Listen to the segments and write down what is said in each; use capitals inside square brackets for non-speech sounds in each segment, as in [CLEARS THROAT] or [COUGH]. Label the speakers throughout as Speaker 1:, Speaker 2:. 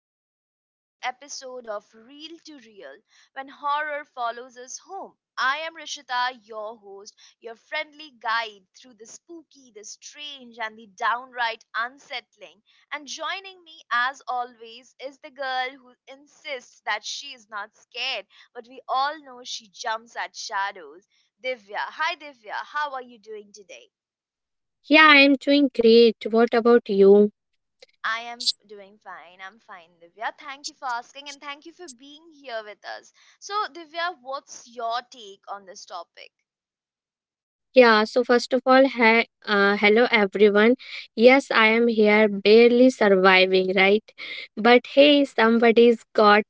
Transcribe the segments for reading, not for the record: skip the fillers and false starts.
Speaker 1: very first episode of Real to Real when horror follows us home. I am Rishita, your host, your friendly guide through the spooky, the strange, and the downright unsettling. And joining me, as always, is the girl who insists that she is not scared, but we all know she jumps at shadows. Divya. Hi, Divya. How are you doing today?
Speaker 2: Yeah, I'm doing great. What about you?
Speaker 1: I am doing fine. I'm fine, Divya. Thank you for asking and thank you for being here with us. So, Divya, what's your take on this topic?
Speaker 2: Yeah, so first of all, hi, hello everyone. Yes, I am here barely surviving, right? But hey, somebody's got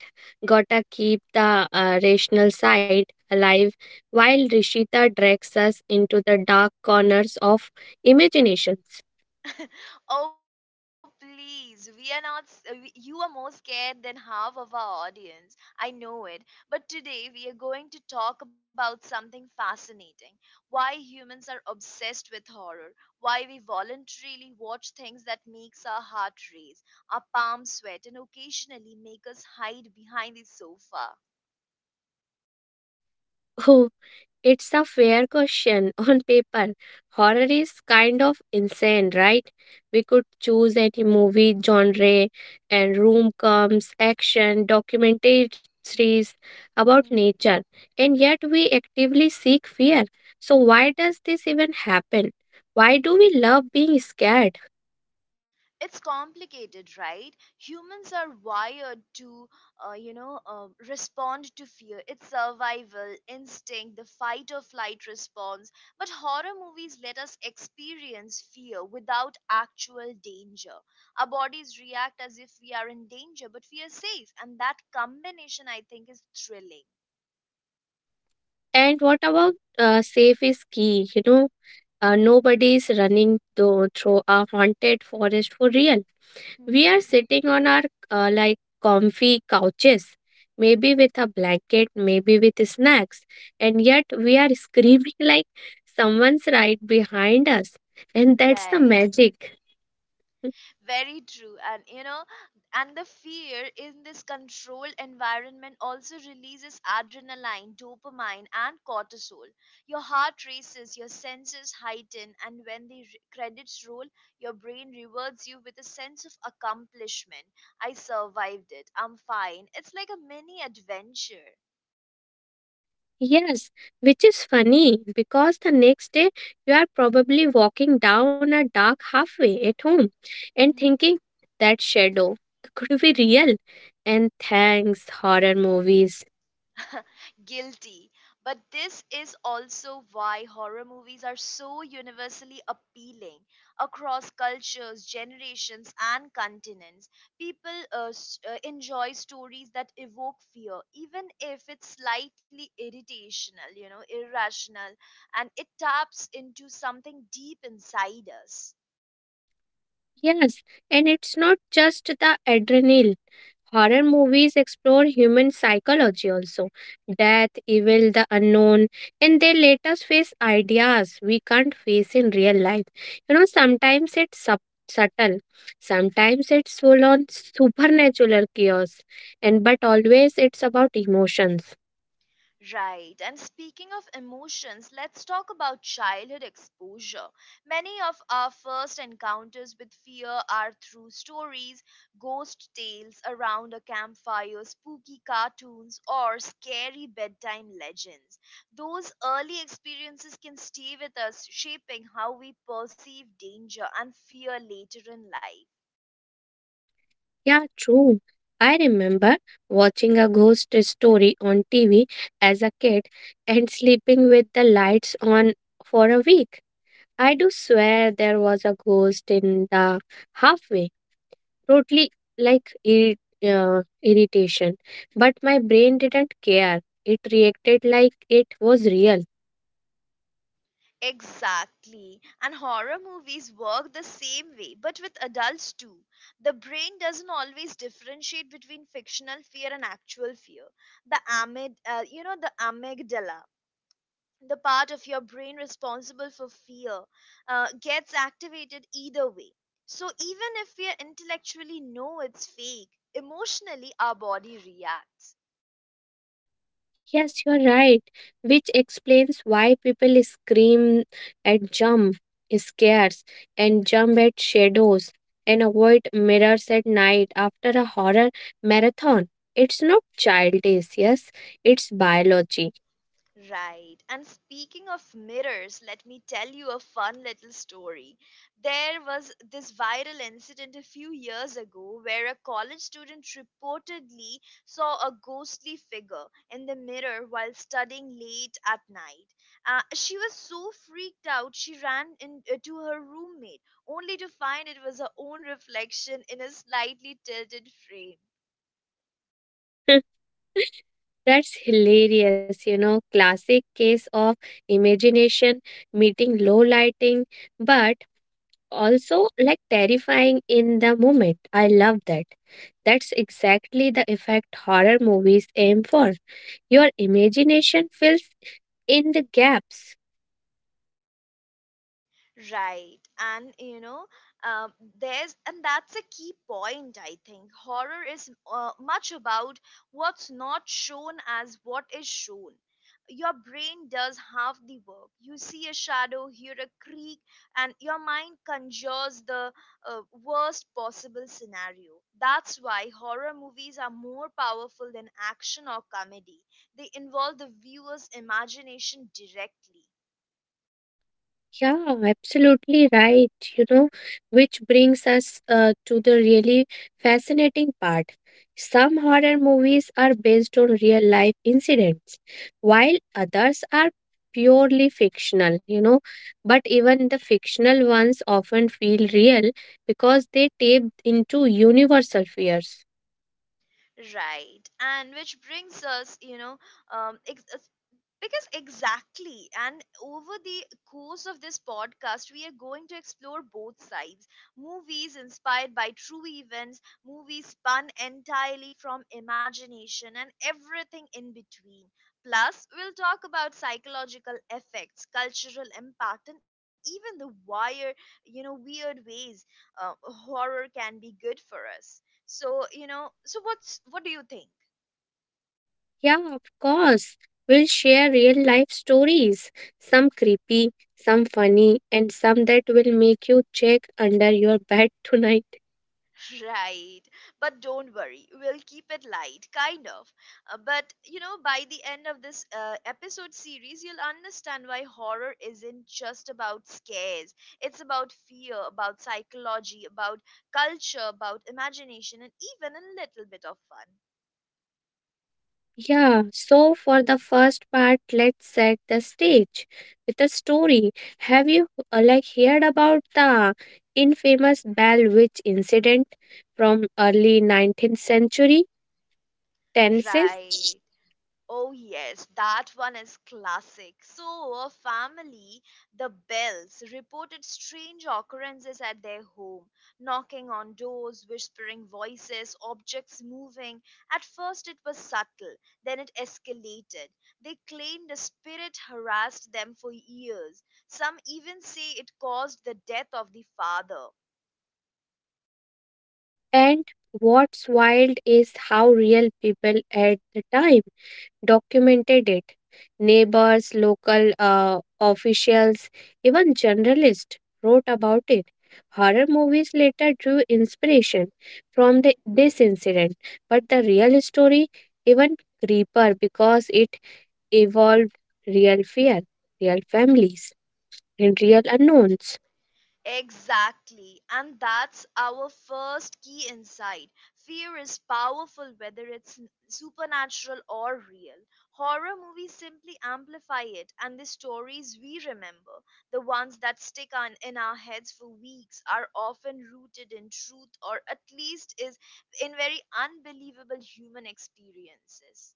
Speaker 2: gotta keep the rational side alive while Rishita drags us into the dark corners of imaginations.
Speaker 1: Oh, please. We are not. You are more scared than half of our audience. I know it. But today we are going to talk about something fascinating why humans are obsessed with horror, why we voluntarily watch things that makes our heart race, our palms sweat, and occasionally make us hide behind the sofa.
Speaker 2: [LAUGHS] It's a fair question. [LAUGHS] On paper, horror is kind of insane, right? We could choose any movie genre, and room comes action, documentaries about
Speaker 1: Hmm.
Speaker 2: nature, and yet we actively seek fear. So, why does this even happen? Why do we love being scared?
Speaker 1: It's complicated, right? Humans are wired to, respond to fear. It's survival, instinct, the fight or flight response. But horror movies let us experience fear without actual danger. Our bodies react as if we are in danger, but we are safe. And that combination, I think, is thrilling.
Speaker 2: And what about safe is key? Nobody is running though, through a haunted forest for real. We
Speaker 1: Hmm.
Speaker 2: are sitting on our uh, like comfy couches, maybe with a blanket, maybe with snacks, and yet we are screaming [LAUGHS] like someone's right behind us. And that's the
Speaker 1: Right.
Speaker 2: magic.
Speaker 1: Very true. And the fear in this controlled environment also releases adrenaline, dopamine, and cortisol. Your heart races, your senses heighten, and when the credits roll, your brain rewards you with a sense of accomplishment. I survived it. I'm fine. It's like a mini adventure.
Speaker 2: Yes, which is funny because the next day you are probably walking down a dark halfway at home and thinking that shadow could be real. And thanks, horror movies.
Speaker 1: Guilty. But this is also why horror movies are so universally appealing across cultures, generations, and continents. People enjoy stories that evoke fear, even if it's slightly irrational, and it taps into something deep inside us.
Speaker 2: Yes, and it's not just the adrenaline. Horror movies explore human psychology also death, evil, the unknown, and they let us face ideas we can't face in real life. You know, sometimes it's subtle, sometimes it's full on supernatural chaos, and but always it's about emotions.
Speaker 1: Right. And speaking of emotions, let's talk about childhood exposure. Many of our first encounters with fear are through stories, ghost tales around a campfire, spooky cartoons, or scary bedtime legends. Those early experiences can stay with us, shaping how we perceive danger and fear later in life.
Speaker 2: Yeah, true. I remember watching a ghost story on TV as a kid and sleeping with the lights on for a week. I do swear there was a ghost in the halfway, totally like irritation. But my brain didn't care. It reacted like it was real.
Speaker 1: Exactly. And horror movies work the same way, but with adults too. The brain doesn't always differentiate between fictional fear and actual fear. The amygdala, the part of your brain responsible for fear, gets activated either way. So even if we intellectually know it's fake, emotionally our body reacts.
Speaker 2: Yes, you're right, which explains why people scream and jump scares and jump at shadows and avoid mirrors at night after a horror marathon. It's not childish, yes, it's biology.
Speaker 1: Right. And speaking of mirrors, let me tell you a fun little story. There was this viral incident a few years ago where a college student reportedly saw a ghostly figure in the mirror while studying late at night. She was so freaked out, she ran to her roommate, only to find it was her own reflection in a slightly tilted frame.
Speaker 2: [LAUGHS] That's hilarious, you know, classic case of imagination meeting low lighting, but also like terrifying in the moment. I love that. That's exactly the effect horror movies aim for. Your imagination fills in the gaps.
Speaker 1: Right. And you know, um, there's and that's a key point, I think. Horror is much about what's not shown as what is shown. Your brain does half the work. You see a shadow, hear a creak, and your mind conjures the worst possible scenario. That's why horror movies are more powerful than action or comedy. They involve the viewer's imagination directly.
Speaker 2: Yeah, absolutely right. Which brings us to the really fascinating part. Some horror movies are based on real life incidents, while others are purely fictional, you know. But even the fictional ones often feel real because they tap into universal fears.
Speaker 1: Right. And which brings us, you know, ex- because exactly, and over the course of this podcast, we are going to explore both sides. Movies inspired by true events, movies spun entirely from imagination, and everything in between. Plus, we'll talk about psychological effects, cultural impact, and even the weird ways horror can be good for us. So what do you think?
Speaker 2: Yeah, of course. We'll share real life stories, some creepy, some funny, and some that will make you check under your bed [LAUGHS] tonight.
Speaker 1: Right. But don't worry, we'll keep it light, kind of. By the end of this episode series, you'll understand why horror isn't just about scares. It's about fear, about psychology, about culture, about imagination, and even a little bit of fun.
Speaker 2: Yeah, so for the first part, let's set the stage with a story. Have you like heard about the infamous Bell Witch incident from early 19th century Tennessee?
Speaker 1: Right. Oh, yes, that one is classic. So, a family, the Bells, reported strange occurrences at their home knocking on doors, whispering voices, objects moving. At first, it was subtle, then it escalated. They claimed a spirit harassed them for years. Some even say it caused the death of the father.
Speaker 2: And what's wild is how real people at the time documented it. Neighbors, local officials, even journalists wrote about it. Horror movies later drew inspiration from this incident, but the real story even creepier because it evolved real fear, real families, and real unknowns.
Speaker 1: Exactly. And that's our first key insight. Fear is powerful whether it's supernatural or real. Horror movies simply amplify it, and the stories we remember, the ones that stick on in our heads for weeks, are often rooted in truth or at least is in very unbelievable human experiences.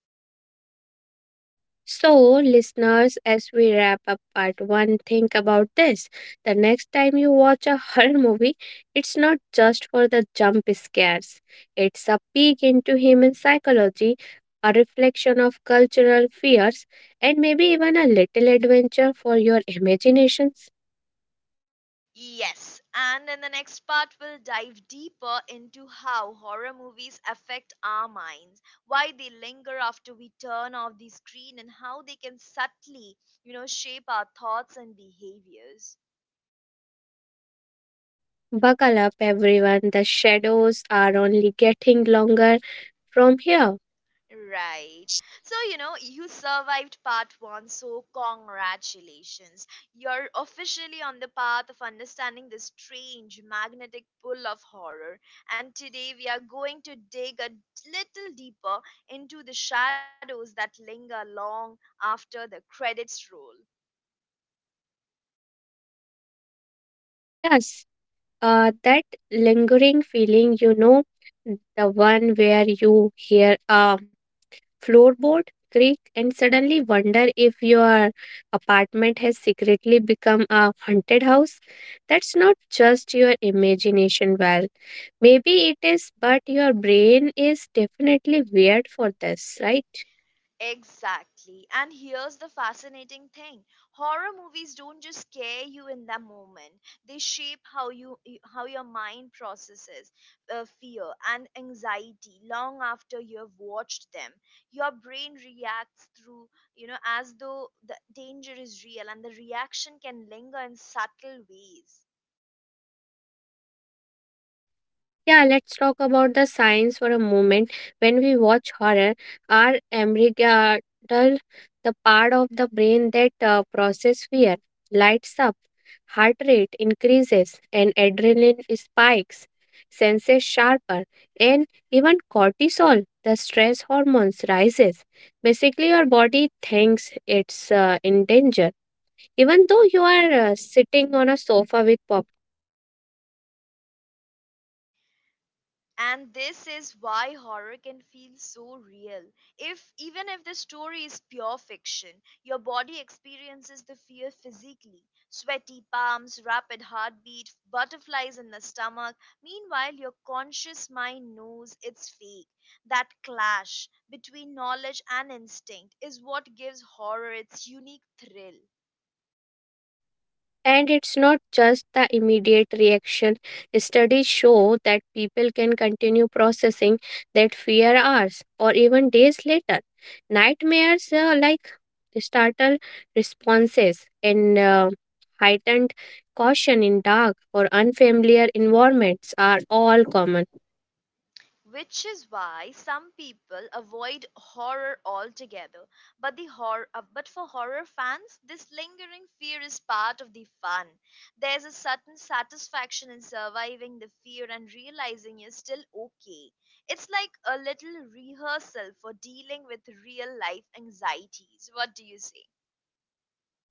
Speaker 2: So, listeners, as we wrap up part one, think about this. The next time you watch a [LAUGHS] horror movie, it's not just for the jump scares, it's a peek into human psychology, a reflection of cultural fears, and maybe even a little adventure for your imaginations.
Speaker 1: Yes, and in the next part, we'll dive deeper into how horror movies affect our minds, why they linger after we turn off the screen, and how they can subtly shape our thoughts and behaviors.
Speaker 2: Buckle up, everyone. The shadows are only getting longer from here.
Speaker 1: Right. So, you know, you survived part one, so congratulations. You're officially on the path of understanding the strange magnetic pull of horror. And today we are going to dig a little deeper into the shadows that linger long after the credits roll.
Speaker 2: Yes. That lingering feeling, you know, the one where you hear a floorboard creak and suddenly wonder if your apartment has secretly become a haunted house. That's not just your imagination, well, maybe it is, but your brain is definitely weird for this, right?
Speaker 1: Exactly. And here's the fascinating thing. Horror movies don't just scare you in the moment. They shape how your mind processes fear and anxiety long after you've watched them. Your brain reacts as though the danger is real and the reaction can linger in subtle ways.
Speaker 2: Yeah, let's talk about the science for a moment. When we watch horror, our amygdala, the part of the brain that process fear, lights up, heart rate increases, and adrenaline spikes, senses sharper, and even cortisol, the stress hormones, rises. Basically, your body thinks it's in danger, even though you are sitting on a sofa with.
Speaker 1: And this is why horror can feel so real, if even if the story is pure fiction, your body experiences the fear physically, sweaty palms, rapid heartbeat, butterflies in the stomach. Meanwhile your conscious mind knows it's fake. That clash between knowledge and instinct is what gives horror its unique thrill,
Speaker 2: And it's not just the immediate reaction. Studies show that people can continue processing that fear hours or even days later. Nightmares like startle responses and heightened caution in dark or unfamiliar environments are all common.
Speaker 1: which is why some people avoid horror altogether. But for horror fans, this lingering fear is part of the fun. There's a certain satisfaction in surviving the fear and realizing you're still okay. It's like a little rehearsal for dealing with real life anxieties. What do you say?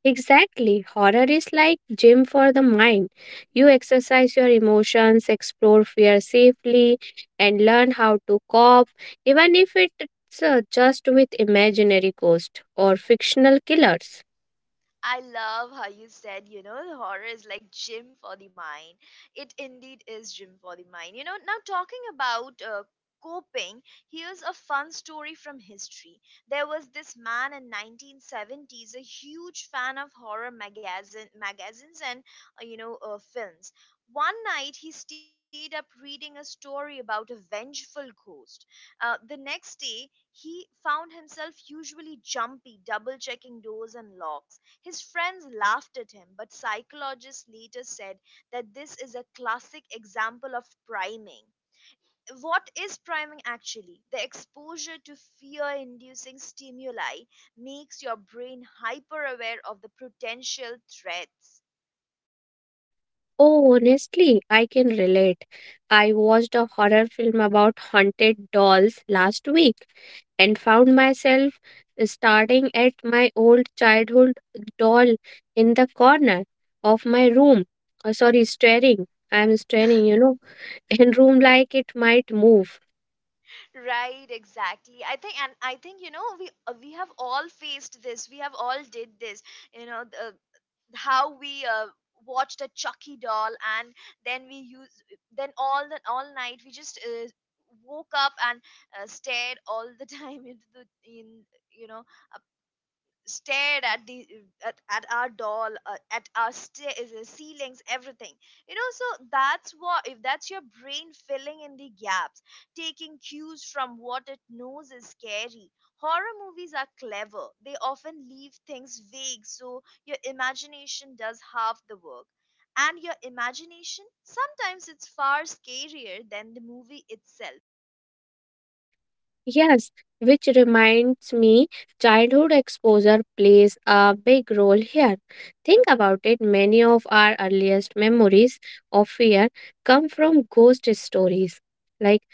Speaker 2: Exactly. Horror is like gym for the mind. You exercise your emotions, explore fear safely, and learn how to cope, even if it's just with imaginary ghosts or fictional killers.
Speaker 1: I love how you said, you know, the horror is like gym for the mind. It indeed is gym for the mind. You know, now talking about coping, here's a fun story from history. There was this man in 1970s, a huge fan of horror magazines and films. One night he stayed up reading a story about a vengeful ghost. The next day, he found himself usually jumpy, double checking doors and locks. His friends laughed at him, but psychologists later said that this is a classic example of priming. What is priming actually? The exposure to fear inducing stimuli makes your brain hyper aware of the potential threats.
Speaker 2: Oh, honestly, I can relate. I watched a horror film about haunted dolls last week and found myself starting at my old childhood doll in the corner of my room. Oh, sorry, staring. I'm staring, you know, [LAUGHS] in room like it might move.
Speaker 1: Right, exactly. I think, and I think you know, we have all faced this. We have all did this. You know, how we watched a Chucky doll, and then we use then all the all night we just woke up and stared all the [LAUGHS] time into the in you know stared at our doll ceilings everything, you know, so that's what if that's your brain filling in the gaps, taking cues from what it knows is scary. Horror movies are clever, they often leave things vague so your imagination does half the work, and your imagination sometimes it's far scarier than the movie itself.
Speaker 2: Yes, which reminds me, childhood exposure plays a big role here. Think about it, many of our earliest memories of fear come from ghost stories, like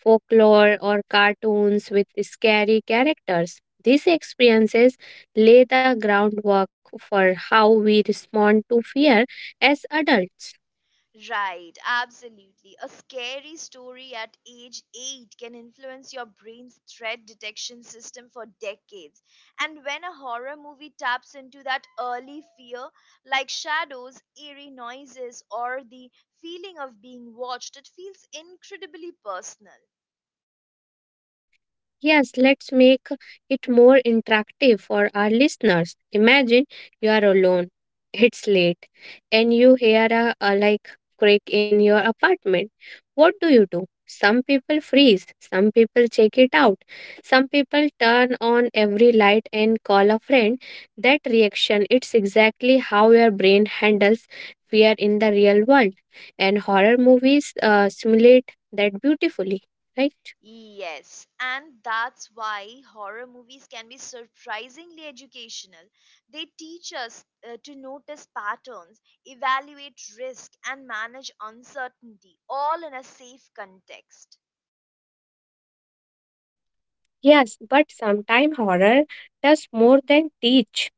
Speaker 2: folklore or cartoons with scary characters. These experiences lay the groundwork for how we respond to fear as adults.
Speaker 1: Right, absolutely. A scary story at age 8 can influence your brain's threat detection system for decades. And when a horror movie taps into that early fear, like shadows, eerie noises, or the feeling of being watched, it feels incredibly personal.
Speaker 2: Yes, let's make it more interactive for our listeners. Imagine you are alone, it's late, and you hear a like crack in your apartment. What do you do? Some people freeze, some people check it out, some people turn on every light and call a friend. That reaction, it's exactly how your brain handles fear in the real world, and horror movies simulate that beautifully, right?
Speaker 1: Yes, and that's why horror movies can be surprisingly educational. They teach us to notice patterns, evaluate risk, and manage uncertainty, all in a safe context.
Speaker 2: Yes, but sometimes horror does more than teach.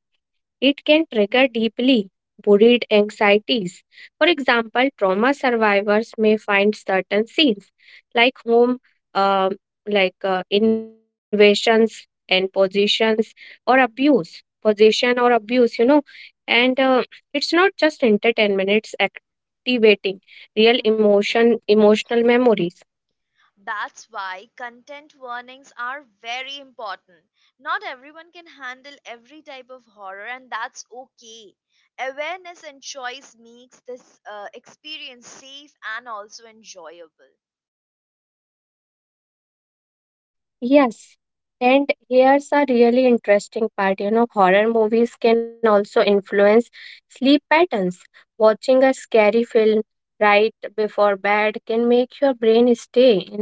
Speaker 2: It can trigger deeply buried anxieties. For example, trauma survivors may find certain scenes, like home, uh, like invasions and positions or abuse, possession or abuse, you know. And it's not just entertainment; it's activating real
Speaker 1: Mhm.
Speaker 2: emotion, emotional memories.
Speaker 1: That's why content warnings are very important. Not everyone can handle every type of horror, and that's okay. Awareness and choice makes this experience safe and also enjoyable.
Speaker 2: Yes, and here's a really interesting part. You know, horror movies can also influence sleep patterns. Watching a scary film right before bed can make your brain stay in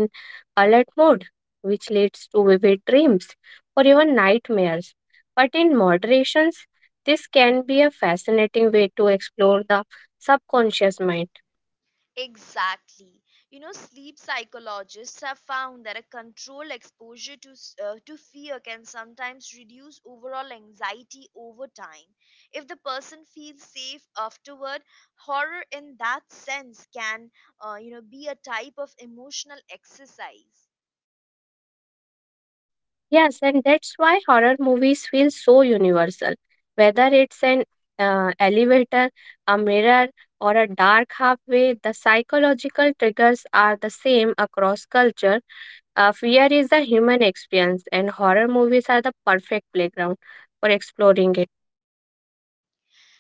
Speaker 2: alert mode, which leads to vivid dreams or even nightmares. But in moderations, this can be a fascinating way to explore the subconscious mind.
Speaker 1: Exactly. You know, sleep psychologists have found that a controlled exposure to to fear can sometimes reduce overall anxiety over time. If the person feels safe afterward, horror in that sense can, be a type of emotional exercise.
Speaker 2: Yes, and that's why horror movies feel so universal. Whether it's an elevator, a mirror, or a dark halfway, the psychological triggers are the same across culture. Fear is a human experience, and horror movies are the perfect playground for exploring it.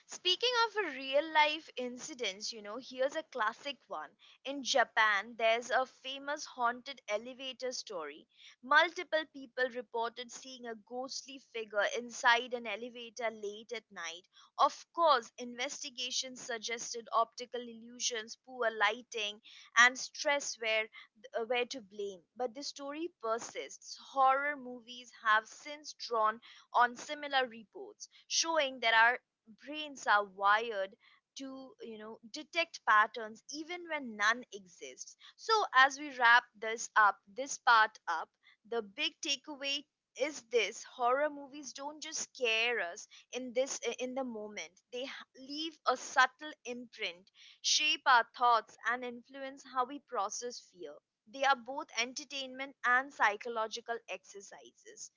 Speaker 1: Speaking of a real life incidents, you know, here's a classic one. In Japan, there's a famous haunted elevator story. Multiple people reported seeing a ghostly figure inside an elevator late at night. Of course, investigations suggested optical illusions, poor lighting, and stress were to blame, but the story persists. Horror movies have since drawn on similar reports, showing there are brains are wired to, you know, detect patterns even when none exists. So as we wrap this up, this part up, the big takeaway is this, horror movies don't just scare us in the moment, they leave a subtle imprint, shape our thoughts and influence how we process fear. They are both entertainment and psychological exercises.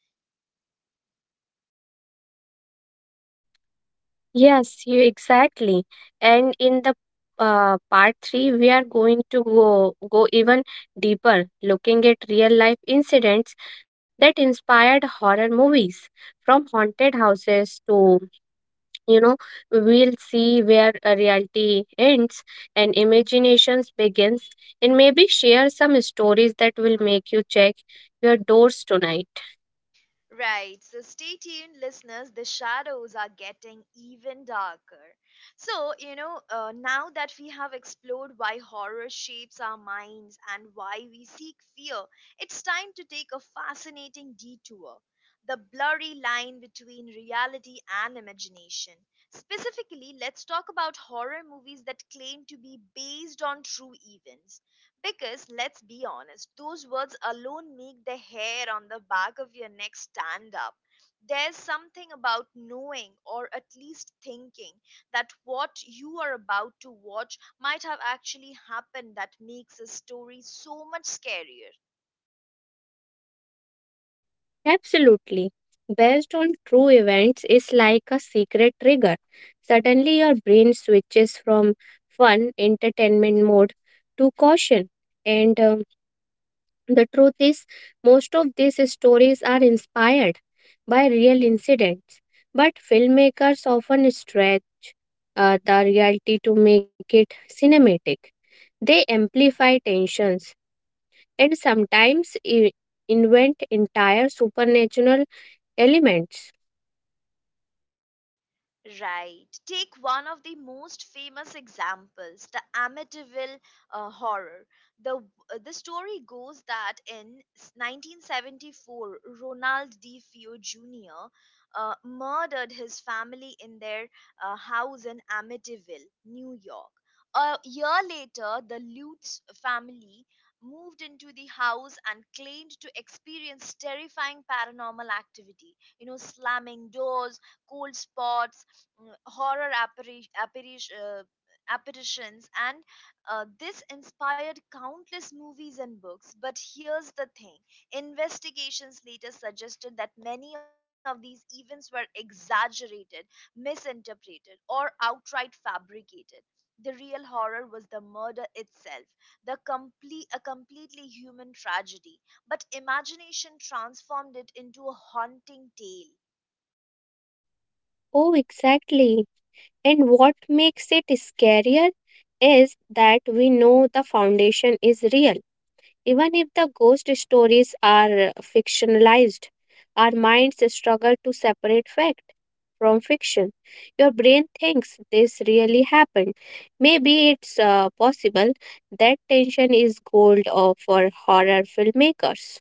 Speaker 2: Yes, you exactly. And in the part three, we are going to go even deeper, looking at real life incidents that inspired horror movies, from haunted houses to you know, we'll see where reality ends and imaginations begins, and maybe share some stories that will make you check your doors tonight.
Speaker 1: Right, so stay tuned, listeners. The shadows are getting even darker. Now that we have explored why horror shapes our minds and why we seek fear, it's time to take a fascinating detour, the blurry line between reality and imagination. Specifically, let's talk about horror movies that claim to be based on true events, because let's be honest, those words alone make the hair on the back of your neck stand up. There's something about knowing, or at least thinking, that what you are about to watch might have actually happened that makes a story so much scarier.
Speaker 2: Absolutely. Based on true events is like a secret trigger. Suddenly, your brain switches from fun, entertainment mode to caution. And the truth is, most of these stories are inspired by real incidents. But filmmakers often stretch the reality to make it cinematic. They amplify tensions and sometimes invent entire supernatural elements.
Speaker 1: Right. Take one of the most famous examples, the Amityville horror. The the story goes that in 1974, Ronald DeFeo Jr. Murdered his family in their house in Amityville, New York. A year later, the Lutz family moved into the house and claimed to experience terrifying paranormal activity. You know, slamming doors, cold spots, horror apparitions, and this inspired countless movies and books. But here's the thing, investigations later suggested that many of these events were exaggerated, misinterpreted, or outright fabricated. The real horror was the murder itself, the complete a completely human tragedy, but imagination transformed it into a haunting tale.
Speaker 2: Oh, exactly. And what makes it scarier is that we know the foundation is real. Even if the ghost stories are fictionalized, our minds struggle to separate fact from fiction. Your brain thinks this really happened. Maybe it's possible that tension is gold or for horror filmmakers.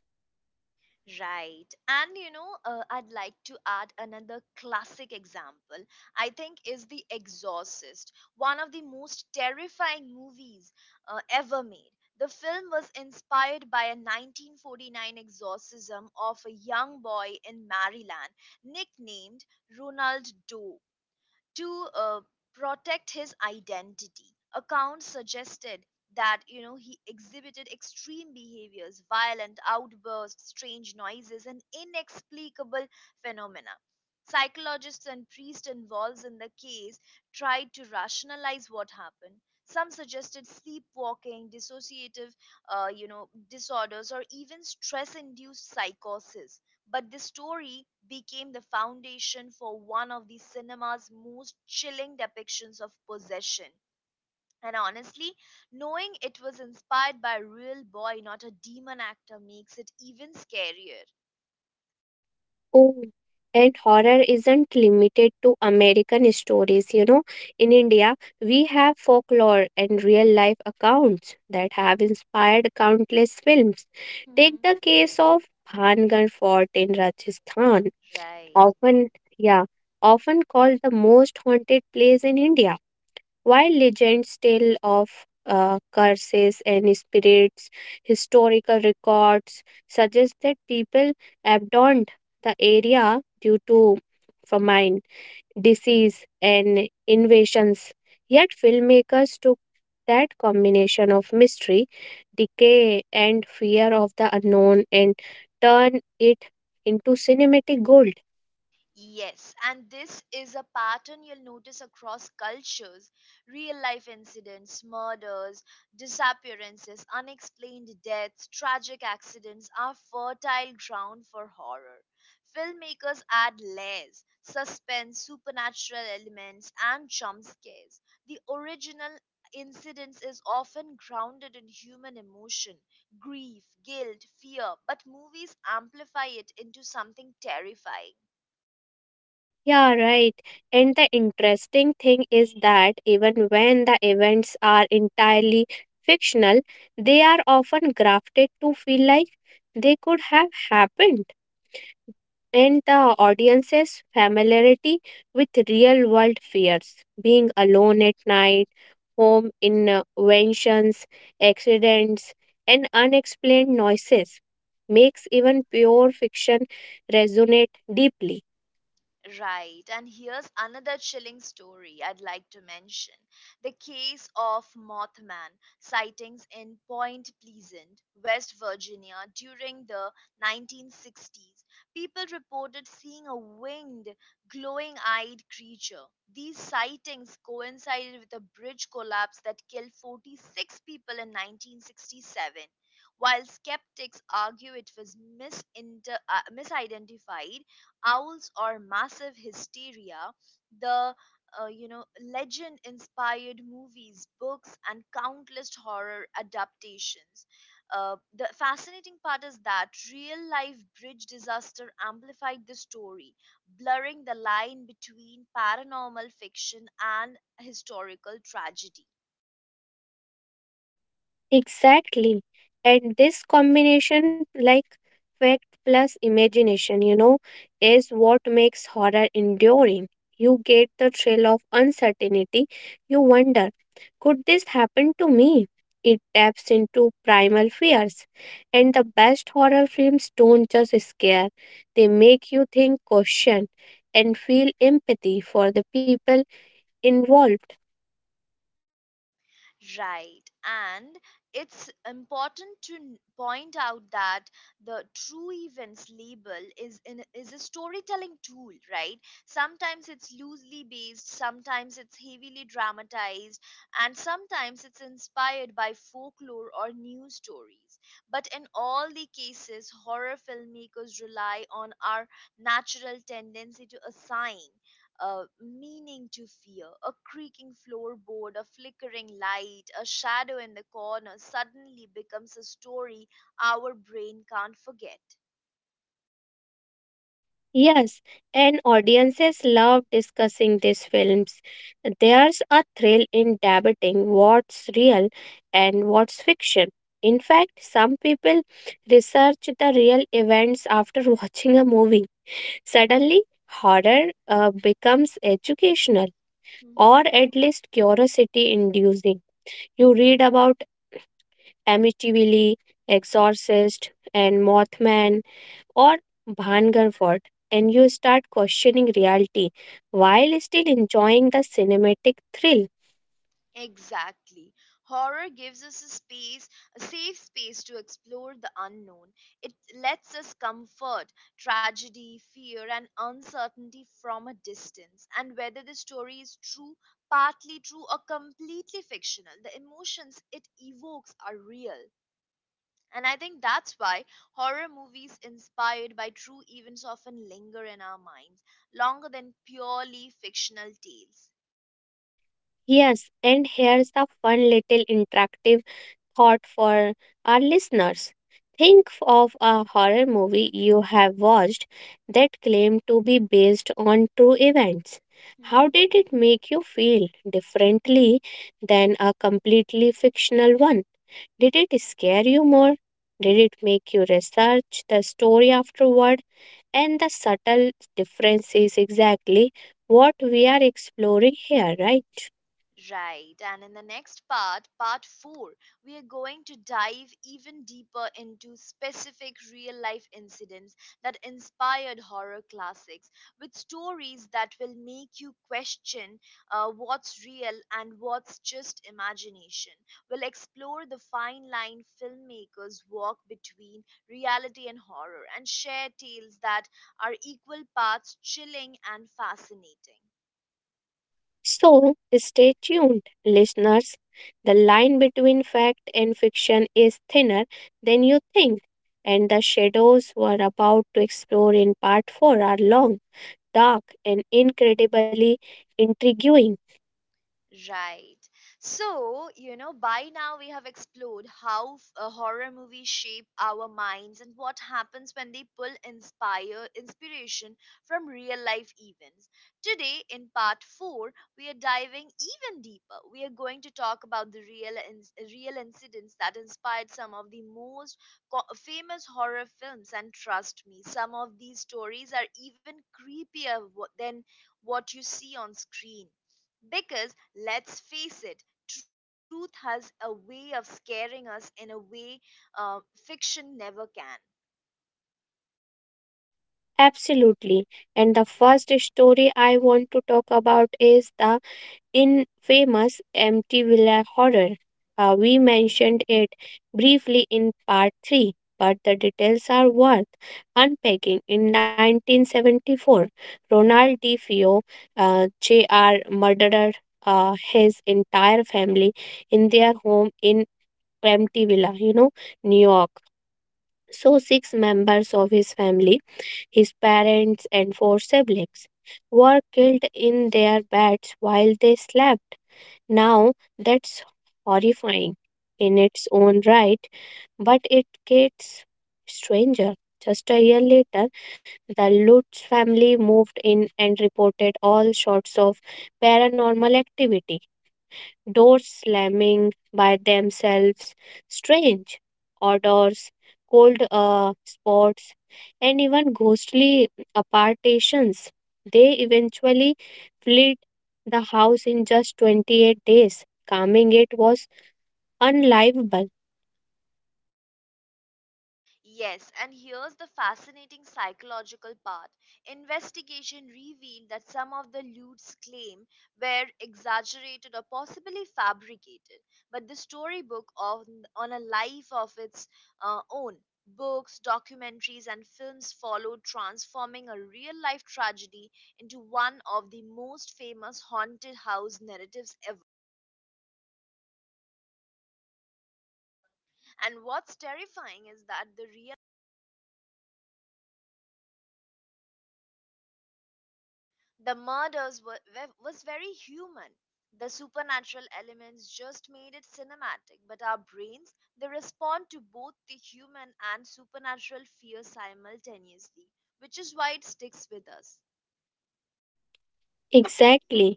Speaker 1: Right. I'd like to add another classic example. I think is The Exorcist, one of the most terrifying movies ever made. The film was inspired by a 1949 exorcism of a young boy in Maryland nicknamed Ronald Doe to protect his identity. Accounts suggested that he exhibited extreme behaviors, violent outbursts, strange noises, and inexplicable phenomena. Psychologists and priests involved in the case tried to rationalize what happened. Some suggested sleepwalking, dissociative, disorders, or even stress-induced psychosis, but this story became the foundation for one of the cinema's most chilling depictions of possession. And honestly, knowing it was inspired by a real boy, not a demon actor, makes it even scarier.
Speaker 2: Oh, and horror isn't limited to American stories. You know, in India, we have folklore and real life accounts that have inspired countless films. Take
Speaker 1: Hmm.
Speaker 2: the case of Bhangar Fort in Rajasthan,
Speaker 1: Right.
Speaker 2: often, yeah, often called the most haunted place in India. While legends tell of curses and spirits, historical records suggest that people abandoned the area due to famine, disease, and invasions. Yet, filmmakers took that combination of mystery, decay, and fear of the unknown and turn it into cinematic gold.
Speaker 1: Yes, and this is a pattern you'll notice across cultures. Real life incidents, murders, disappearances, unexplained deaths, tragic accidents are fertile ground for horror. Filmmakers add layers, suspense, supernatural elements, and jump scares. The original incidents is often grounded in human emotion, grief, guilt, fear, but movies amplify it into something terrifying.
Speaker 2: Yeah, right. And the interesting thing is that even when the events are entirely fictional, they are often grafted to feel like they could have happened. And the audience's familiarity with real world fears, being alone at night, home inventions, accidents, and unexplained noises, makes even pure fiction resonate deeply.
Speaker 1: Right, and here's another chilling story I'd like to mention, the case of Mothman sightings in Point Pleasant, West Virginia during the 1960s. People reported seeing a winged, glowing eyed creature. These sightings coincided with a bridge collapse that killed 46 people in 1967. While skeptics argue it was misidentified, owls or massive hysteria, the uh, you know legend inspired movies, books, and countless horror adaptations. The fascinating part is that real life bridge disaster amplified the story, blurring the line between paranormal fiction and historical tragedy.
Speaker 2: Exactly. And this combination, like fact plus imagination, you know, is what makes horror enduring. You get the thrill of uncertainty. You wonder, could this happen to me? It taps into primal fears. And the best horror films don't just scare, they make you think, question, and feel empathy for the people involved.
Speaker 1: Right. And it's important to point out that the true events label is a storytelling tool, right? Sometimes it's loosely based, sometimes it's heavily dramatized, and sometimes it's inspired by folklore or news stories. But in all the cases, horror filmmakers rely on our natural tendency to assign meaning to fear. A creaking floorboard, a flickering light, a shadow in the corner suddenly becomes a story our brain can't forget.
Speaker 2: Yes, and audiences love discussing these films. There's a thrill in debating what's real and what's fiction. In fact, some people research the real events after [LAUGHS] watching a movie. Suddenly, horror becomes educational
Speaker 1: Hmm.
Speaker 2: or at least curiosity inducing. You read about Amityville, Exorcist, and Mothman or Bhangar Fort, and you start questioning reality while still enjoying the cinematic thrill.
Speaker 1: Exactly. Horror gives us a space, a safe space to explore the unknown. It lets us comfort tragedy, fear, and uncertainty from a distance. And whether the story is true, partly true, or completely fictional, the emotions it evokes are real. And I think that's why horror movies inspired by true events often linger in our minds longer than purely fictional tales.
Speaker 2: Yes, and here's the fun little interactive thought for our listeners. Think of a horror movie you have watched that claimed to be based on true events. How
Speaker 1: Hmm.
Speaker 2: did it make you feel differently than a completely fictional one? Did it scare you more? Did it make you research the story afterward? And the subtle difference is exactly what we are exploring here, right?
Speaker 1: Right, and in the next part, part 4, we are going to dive even deeper into specific real life incidents that inspired horror classics, with stories that will make you question what's real and what's just imagination. We'll explore the fine line filmmakers walk between reality and horror and share tales that are equal parts chilling and fascinating.
Speaker 2: So stay tuned, listeners. The line between fact and fiction is thinner than you think, and the shadows we're about to explore in part 4 are long, dark, and incredibly intriguing.
Speaker 1: Right. By now we have explored how horror movies shape our minds and what happens when they pull inspire inspiration from real life events. Today in part 4, we are diving even deeper. We are going to talk about the real incidents that inspired some of the most famous horror films, and trust me, some of these stories are even creepier than what you see on screen, because let's face it, truth has a way of scaring us in a way uh, fiction never can.
Speaker 2: Absolutely. And the first story I want to talk about is the infamous Empty Villa horror. We mentioned it briefly in part 3, but the details are worth unpacking. In 1974, Ronald D. Fio, Jr., murdered his entire family in their home in Empty Villa, you know, New York. So, six members of his family, his parents, and four siblings, were killed in their beds while they slept. Now, that's horrifying in its own right, but it gets stranger. Just a year later, the Lutz family moved in and reported all sorts of paranormal activity, doors slamming by themselves, strange odors, cold spots, and even ghostly apartations. They eventually fled the house in just 28 days. Calming it was unlivable.
Speaker 1: Yes, and here's the fascinating psychological part. Investigation revealed that some of the lewds' claim were exaggerated or possibly fabricated, but the storybook on a life of its own. Books, documentaries, and films followed, transforming a real life tragedy into one of the most famous haunted house narratives ever. And what's terrifying is that the murders were- was very human. The supernatural elements just made it cinematic, but our brains, they respond to both the human and supernatural fear simultaneously, which is why it sticks with us.
Speaker 2: Exactly.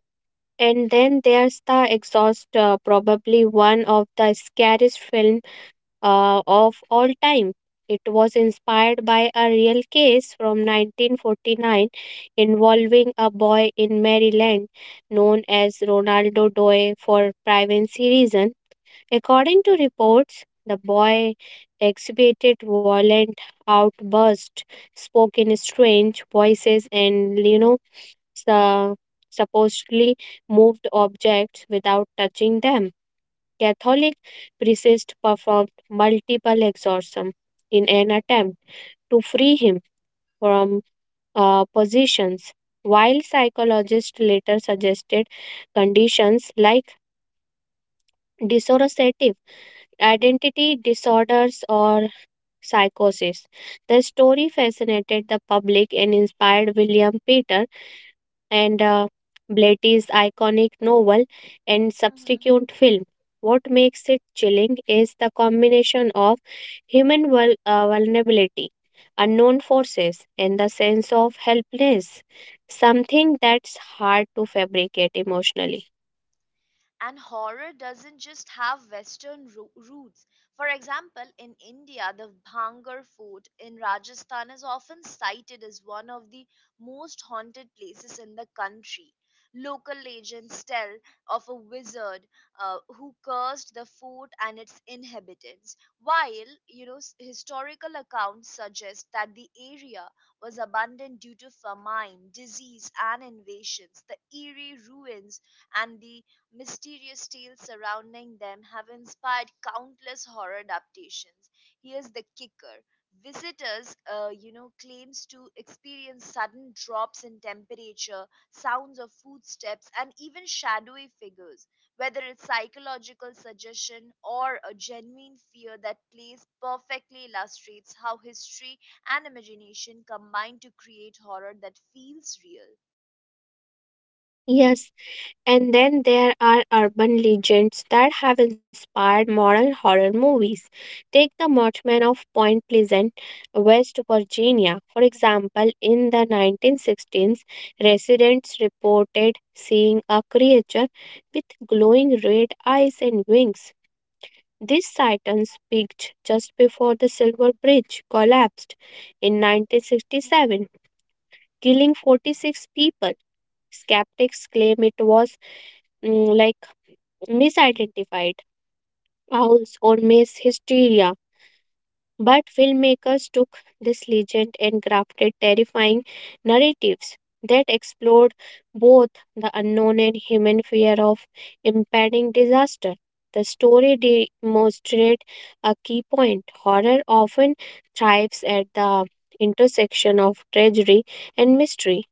Speaker 2: And then there's the exhaust, probably one of the scariest films of all time. It was inspired by a real case from 1949 involving a boy in Maryland known as Ronaldo Doe for privacy reasons. According to reports, the boy exhibited violent outbursts, spoke in strange voices, and you know, su- supposedly moved objects without touching them. Catholic priests performed multiple exorcisms in an
Speaker 1: Mhm.
Speaker 2: attempt to free him from possessions, while psychologists later suggested conditions like dissociative identity disorders or psychosis. The story fascinated the public and inspired William Peter and Blatty's iconic novel and subsequent film. What makes it chilling is the combination of human vulnerability, unknown forces, and the sense of helplessness, something that's hard to fabricate emotionally.
Speaker 1: And horror doesn't just have Western roots. For example, in India, the Bhangar Fort in Rajasthan is often cited as one of the most haunted places in the country. Local legends tell of a wizard who cursed the fort and its inhabitants, while historical accounts suggest that the area was abandoned due to famine, disease, and invasions. The eerie ruins and the mysterious tales surrounding them have inspired countless horror adaptations. Here's the kicker. Visitors, claims to experience sudden drops in temperature, sounds of footsteps, and even shadowy figures. Whether it's psychological suggestion or a genuine fear that plays, perfectly illustrates how history and imagination combine to create horror that feels real.
Speaker 2: Yes, and then there are urban legends that have inspired modern horror movies. Take the Mothman of Point Pleasant, West Virginia. For example, in the 1916s, residents reported seeing a creature with glowing red eyes and wings. These sightings peaked just before the Silver Bridge collapsed in 1967, killing 46 people. Skeptics claim it was like misidentified owls or mass hysteria, but filmmakers took this legend and crafted terrifying narratives that explored both the unknown and human fear of impending disaster. The story demonstrates a key point. Horror often thrives at the intersection of tragedy and mystery.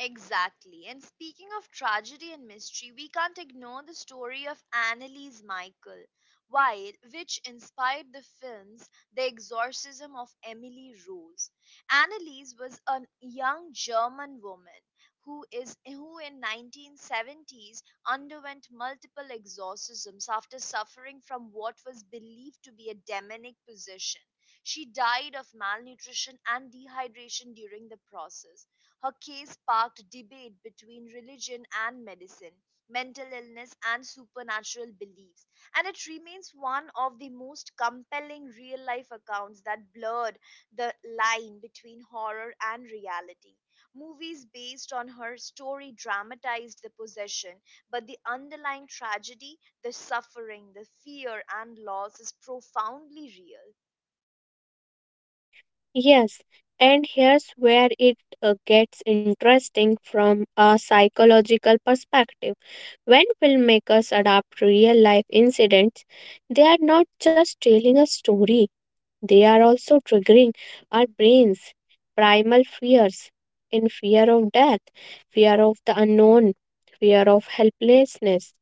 Speaker 1: Exactly. And speaking of tragedy and mystery, we can't ignore the story of Annalise Michael, while which inspired the films The Exorcism of Emily Rose. Annalise was a young German woman who in 1970s underwent multiple exorcisms after suffering from what was believed to be a demonic possession. She died of malnutrition and dehydration during the process. Her case sparked debate between religion and medicine, mental illness and supernatural beliefs, and it remains one of the most compelling real life accounts that blurred the line between horror and reality. Movies based on her story dramatized the possession, but the underlying tragedy, the suffering, the fear, and loss is profoundly real.
Speaker 2: Yes, and here's where it gets interesting from a psychological perspective. When filmmakers adapt real life incidents, they are not just telling a story, they are also triggering our brains' primal fears, in fear of death, fear of the unknown, fear of helplessness.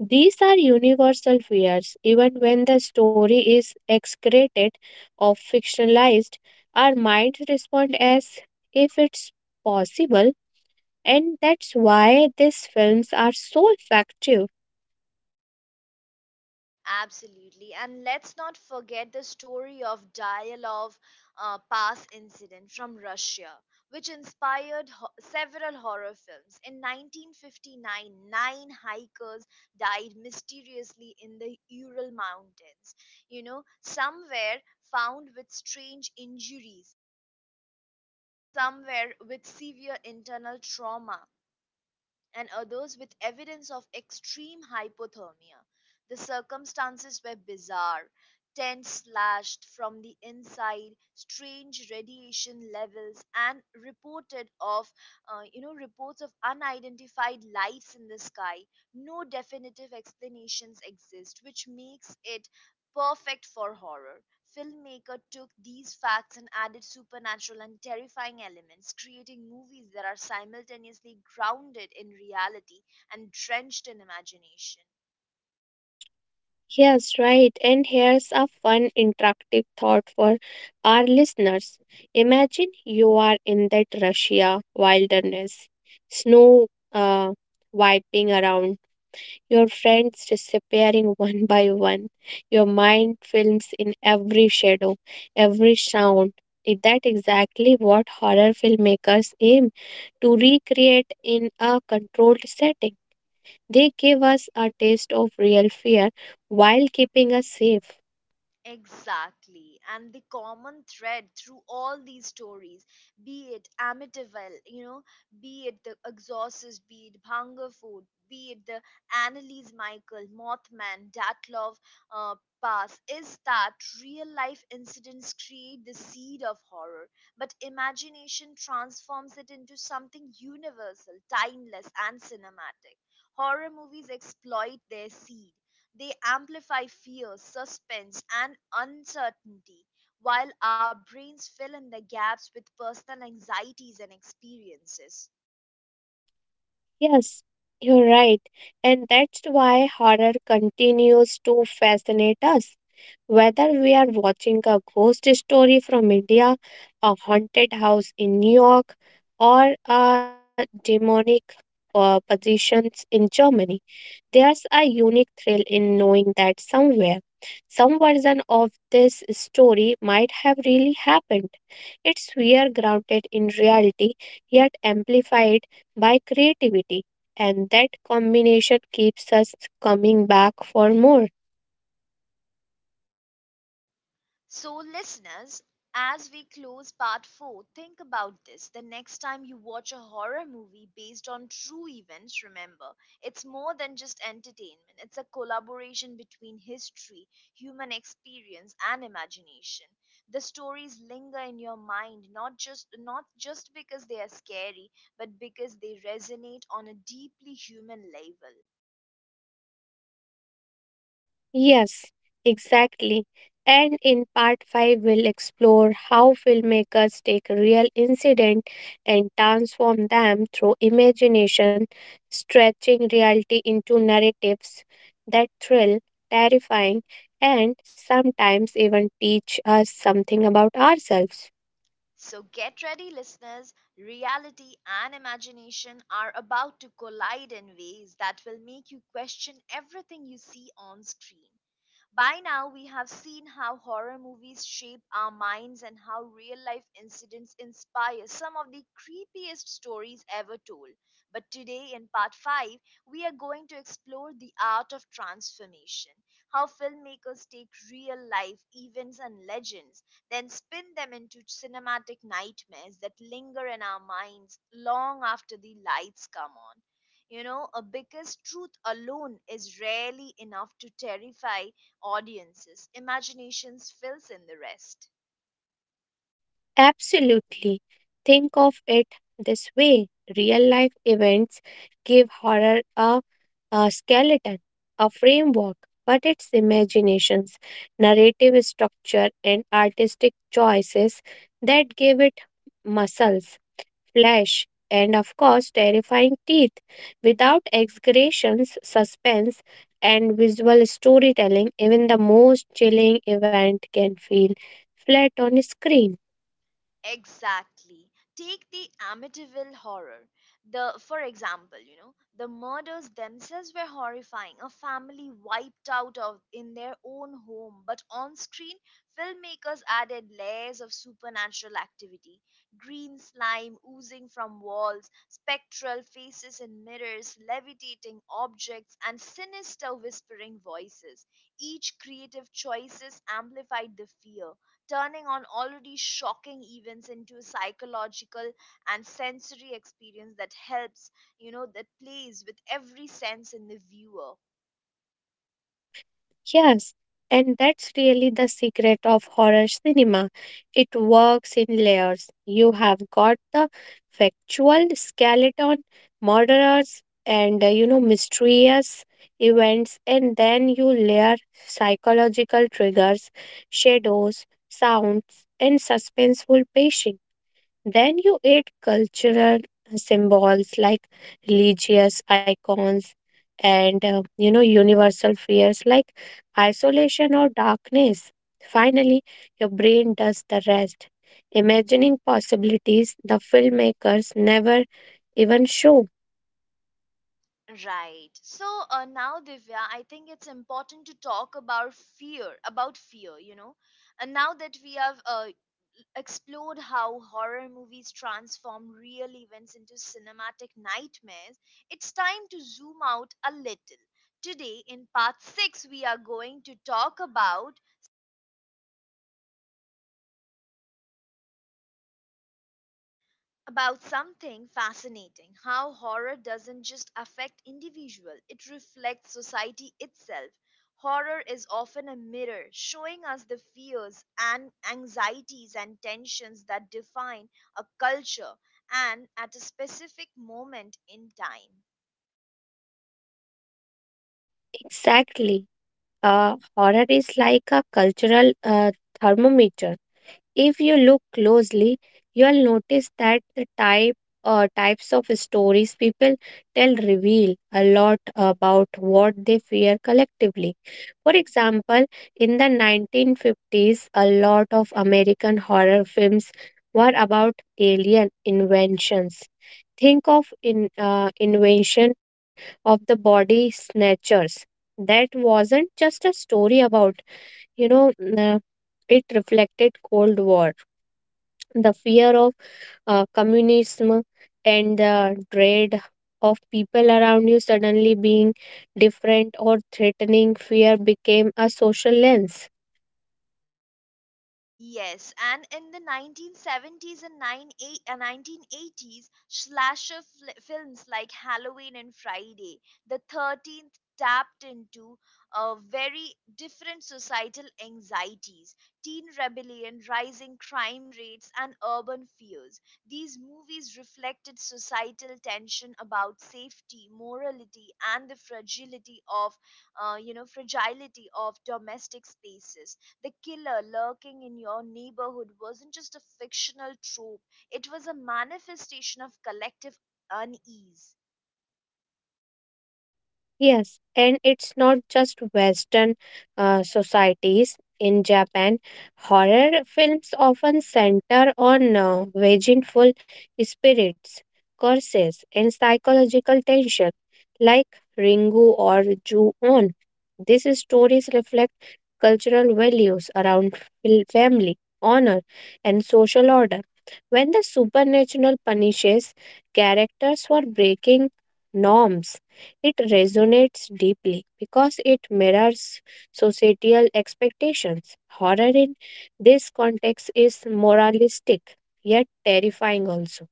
Speaker 2: These are universal fears, even when the story is excreted or fictionalized. Our minds respond as if it's possible, and that's why these films are so effective.
Speaker 1: Absolutely. And let's not forget the story of Dialov Pass incident from Russia, which inspired several horror films. In 1959, nine hikers died mysteriously in the Ural Mountains. You know, some were found with strange injuries, some were with severe internal trauma, and others with evidence of extreme hypothermia. The circumstances were bizarre, tents slashed from the inside, strange radiation levels, and reported of, you know, reports of unidentified lights in the sky. No definitive explanations exist, which makes it perfect for horror. Filmmaker took these facts and added supernatural and terrifying elements, creating movies that are simultaneously grounded in reality and drenched in imagination.
Speaker 2: Yes, right. And here's a fun interactive thought for our listeners. Imagine you are in that Russia wilderness, snow uh, wiping around. Your friends disappearing [LAUGHS] one by one. Your mind films in every shadow, every sound. Is that exactly what horror filmmakers aim to recreate in a controlled setting? They give us a taste of real fear while keeping us safe.
Speaker 1: Exactly. And the common thread through all these stories, be it Amityville, you know, be it The Exorcist, be it Hunger Food, be it the Annalise Michael, Mothman, Datlov uh, Pass, is that real life incidents create the seed of horror, but imagination transforms it into something universal, timeless, and cinematic. Horror movies exploit their seed, they amplify fear, suspense, and uncertainty, while our brains fill in the gaps with personal anxieties and experiences.
Speaker 2: Yes, you're right. And that's why horror continues to fascinate us. Whether we are watching a ghost story from India, a haunted house in New York, or a demonic possessions in Germany, there's a unique thrill in knowing that somewhere, some version of this story might have really happened. It's fear grounded in reality, yet amplified by creativity, and that combination keeps us coming back for more.
Speaker 1: So, listeners, as we close part 4, think about this. The next time you watch a horror movie based on true events, remember, it's more than just entertainment. It's a collaboration between history, human experience, and imagination. The stories linger in your mind not just because they are scary, but because they resonate on a deeply human level.
Speaker 2: Yes, exactly. And in part 5, we'll explore how filmmakers take real incident and transform them through imagination, stretching reality into narratives that thrill, terrifying, and sometimes even teach us something about ourselves.
Speaker 1: So get ready, listeners. Reality and imagination are about to collide in ways that will make you question everything you see on screen. By now, we have seen how horror movies shape our minds and how real life incidents inspire some of the creepiest stories ever told. But today, in part 5, we are going to explore the art of transformation, how filmmakers take real life events and legends, then spin them into cinematic nightmares that linger in our minds long after the lights come on, because truth alone is rarely enough to terrify, audience's imaginations fills in the rest.
Speaker 2: Absolutely. Think of it this way, real life events give horror a skeleton, a framework, but its imaginations, narrative structure, and artistic choices that give it muscles, flesh, and of course, terrifying teeth. Without exaggerations, suspense, and visual storytelling, even the most chilling event can feel flat on screen.
Speaker 1: Exactly. Take the Amityville horror. The For example, you know, the murders themselves were horrifying. A family wiped out of in their own home, but on screen, filmmakers added layers of supernatural activity. Green slime oozing from walls, spectral faces in mirrors, levitating objects, and sinister whispering voices. Each creative choices amplified the fear, turning on already shocking events into a psychological and sensory experience that helps, that plays with every sense in the viewer.
Speaker 2: Yes, and that's really the secret of horror cinema. It works in layers. You have got the factual skeleton, murderers, and you know, mysterious events, and then you layer psychological triggers, shadows, sounds, and suspenseful pacing. Then you add cultural symbols like religious icons and you know universal fears like isolation or darkness. Finally, your brain does the rest, imagining possibilities the filmmakers never even show.
Speaker 1: Right. So now, Divya, I think it's important to talk about fear, about fear. And now that we have explored how horror movies transform real events into cinematic nightmares, it's time to zoom out a little. Today, in part 6, we are going to talk about something fascinating. How horror doesn't just affect individual, it reflects society itself. Horror is often a mirror, showing us the fears and anxieties and tensions that define a culture and at a specific moment in time.
Speaker 2: Exactly. Horror is like a cultural thermometer. If you look closely, you'll notice that the types of stories people tell reveal a lot about what they fear collectively. For example, in the 1950s, a lot of American horror films were about alien inventions. Think of in invention of the body snatchers. That wasn't just a story about, you know, it reflected Cold War, the fear of communism and the dread of people around you suddenly being different or threatening. Fear became a social lens.
Speaker 1: Yes, and in the 1970s and 1980s, films like Halloween and Friday the 13th tapped into very different societal anxieties: teen rebellion, rising crime rates, and urban fears. These movies reflected societal tension about safety, morality, and the fragility of domestic spaces. The killer lurking in your neighborhood wasn't just a fictional trope, it was a manifestation of collective unease.
Speaker 2: Yes, and it's not just Western societies. In Japan, horror films often center on vengeful spirits, curses, and psychological tension, like Ringu or Ju-on. These stories reflect cultural values around family, honor, and social order. When the supernatural punishes characters for breaking norms, it resonates deeply because it mirrors societal expectations. Horror in this context is moralistic, yet terrifying also.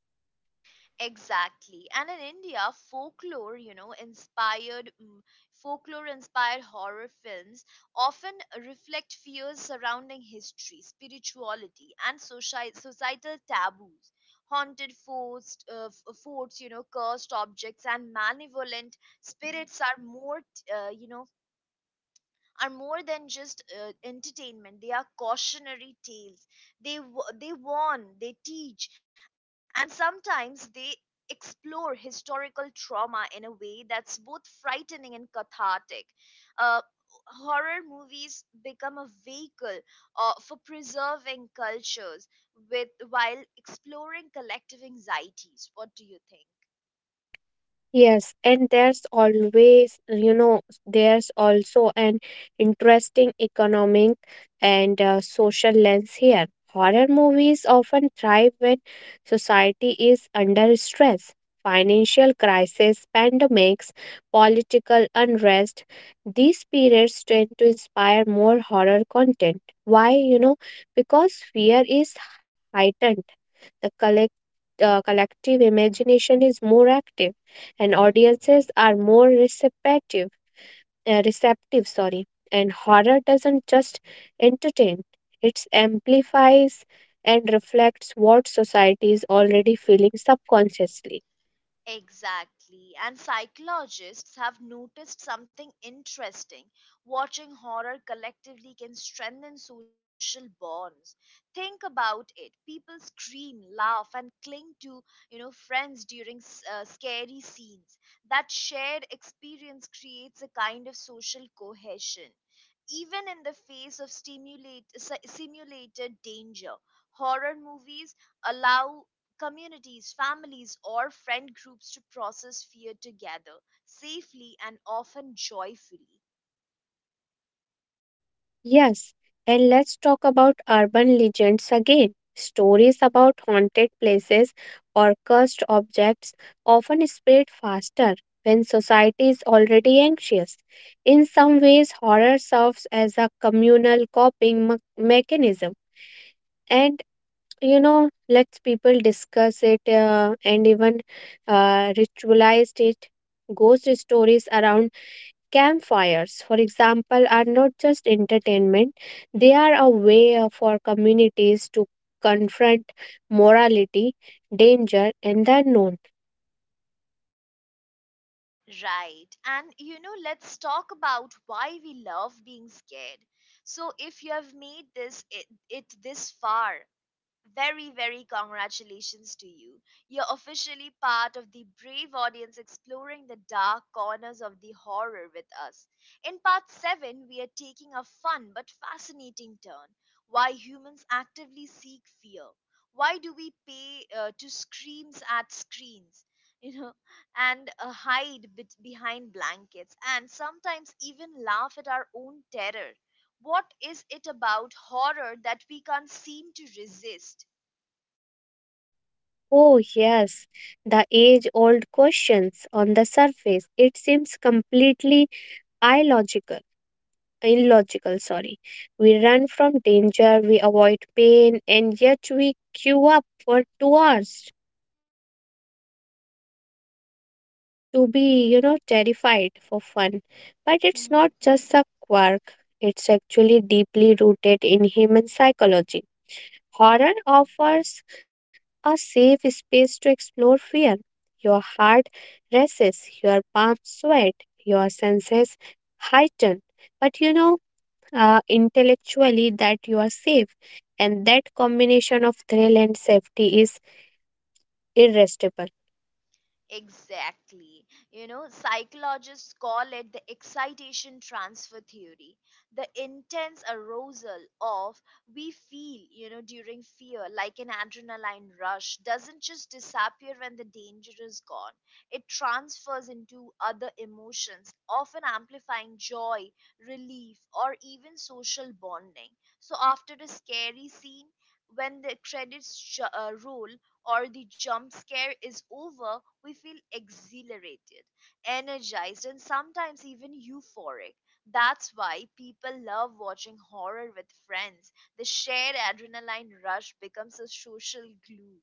Speaker 1: Exactly. And in India, folklore, you know, inspired mm, folklore inspired horror films often reflect fears surrounding history, spirituality, and societal taboos. Haunted forts, cursed objects, and malevolent spirits uh, you know, are more than just entertainment. They are cautionary tales. They warn, they teach, and sometimes they explore historical trauma in a way that's both frightening and cathartic. uh, Horror movies become a vehicle for preserving cultures with while exploring collective anxieties. What do you think?
Speaker 2: Yes, and there's always, you know, there's also an interesting economic and social lens here. Horror movies often thrive when society is under stress. Financial crisis, pandemics, political unrest, these periods tend to inspire more horror content. Why? You know, because fear is heightened. The collective imagination is more active and audiences are more receptive, receptive sorry, and horror doesn't just entertain, it amplifies and reflects what society is already feeling subconsciously.
Speaker 1: Exactly. And psychologists have noticed something interesting. Watching horror collectively can strengthen social bonds. Think about it. People scream, laugh and cling to, you know, friends during scary scenes. That shared experience creates a kind of social cohesion. Even in the face of simulated danger, horror movies allow communities, families, or friend groups to process fear together safely and often joyfully.
Speaker 2: Yes, and let's talk about urban legends again. Stories about haunted places or cursed objects often spread faster when society is already anxious. In some ways, horror serves as a communal coping mechanism. And you know, lets people discuss it and even ritualized it. Ghost stories around campfires, for example, are not just entertainment, they are a way for communities to confront morality, danger, and the unknown.
Speaker 1: Right. And you know, let's talk about why we love being scared. So, if you have made this it, it this far, very congratulations to you. You're officially part of the brave audience exploring the dark corners of the horror with us. In part 7, we are taking a fun but fascinating turn. Why humans actively seek fear. Why do we pay to screams at screens? You know, and hide bet behind blankets, and sometimes even laugh at our own terror. What is it about horror that we can't seem to resist?
Speaker 2: Oh, yes, the age old questions on the surface. It seems completely illogical. Illogical, sorry. We run from danger, we avoid pain, and yet we queue up for 2 hours to be, you know, terrified for fun. But it's not
Speaker 1: Mhm.
Speaker 2: just a quirk, it's actually deeply rooted in human psychology. Horror offers a safe space to explore fear. Your heart races, your palms sweat, your senses heighten. But you know, intellectually, that you are safe. And that combination of thrill and safety is irresistible.
Speaker 1: Exactly. You know, psychologists call it the excitation transfer theory. The intense arousal of we feel, you know, during fear, like an adrenaline rush, doesn't just disappear when the danger is gone. It transfers into other emotions, often amplifying joy, relief, or even social bonding. So after a scary scene, when the credits roll, or the jump scare is over, we feel exhilarated, energized, and sometimes even euphoric. That's why people love watching horror with friends. The shared adrenaline rush becomes a social glue.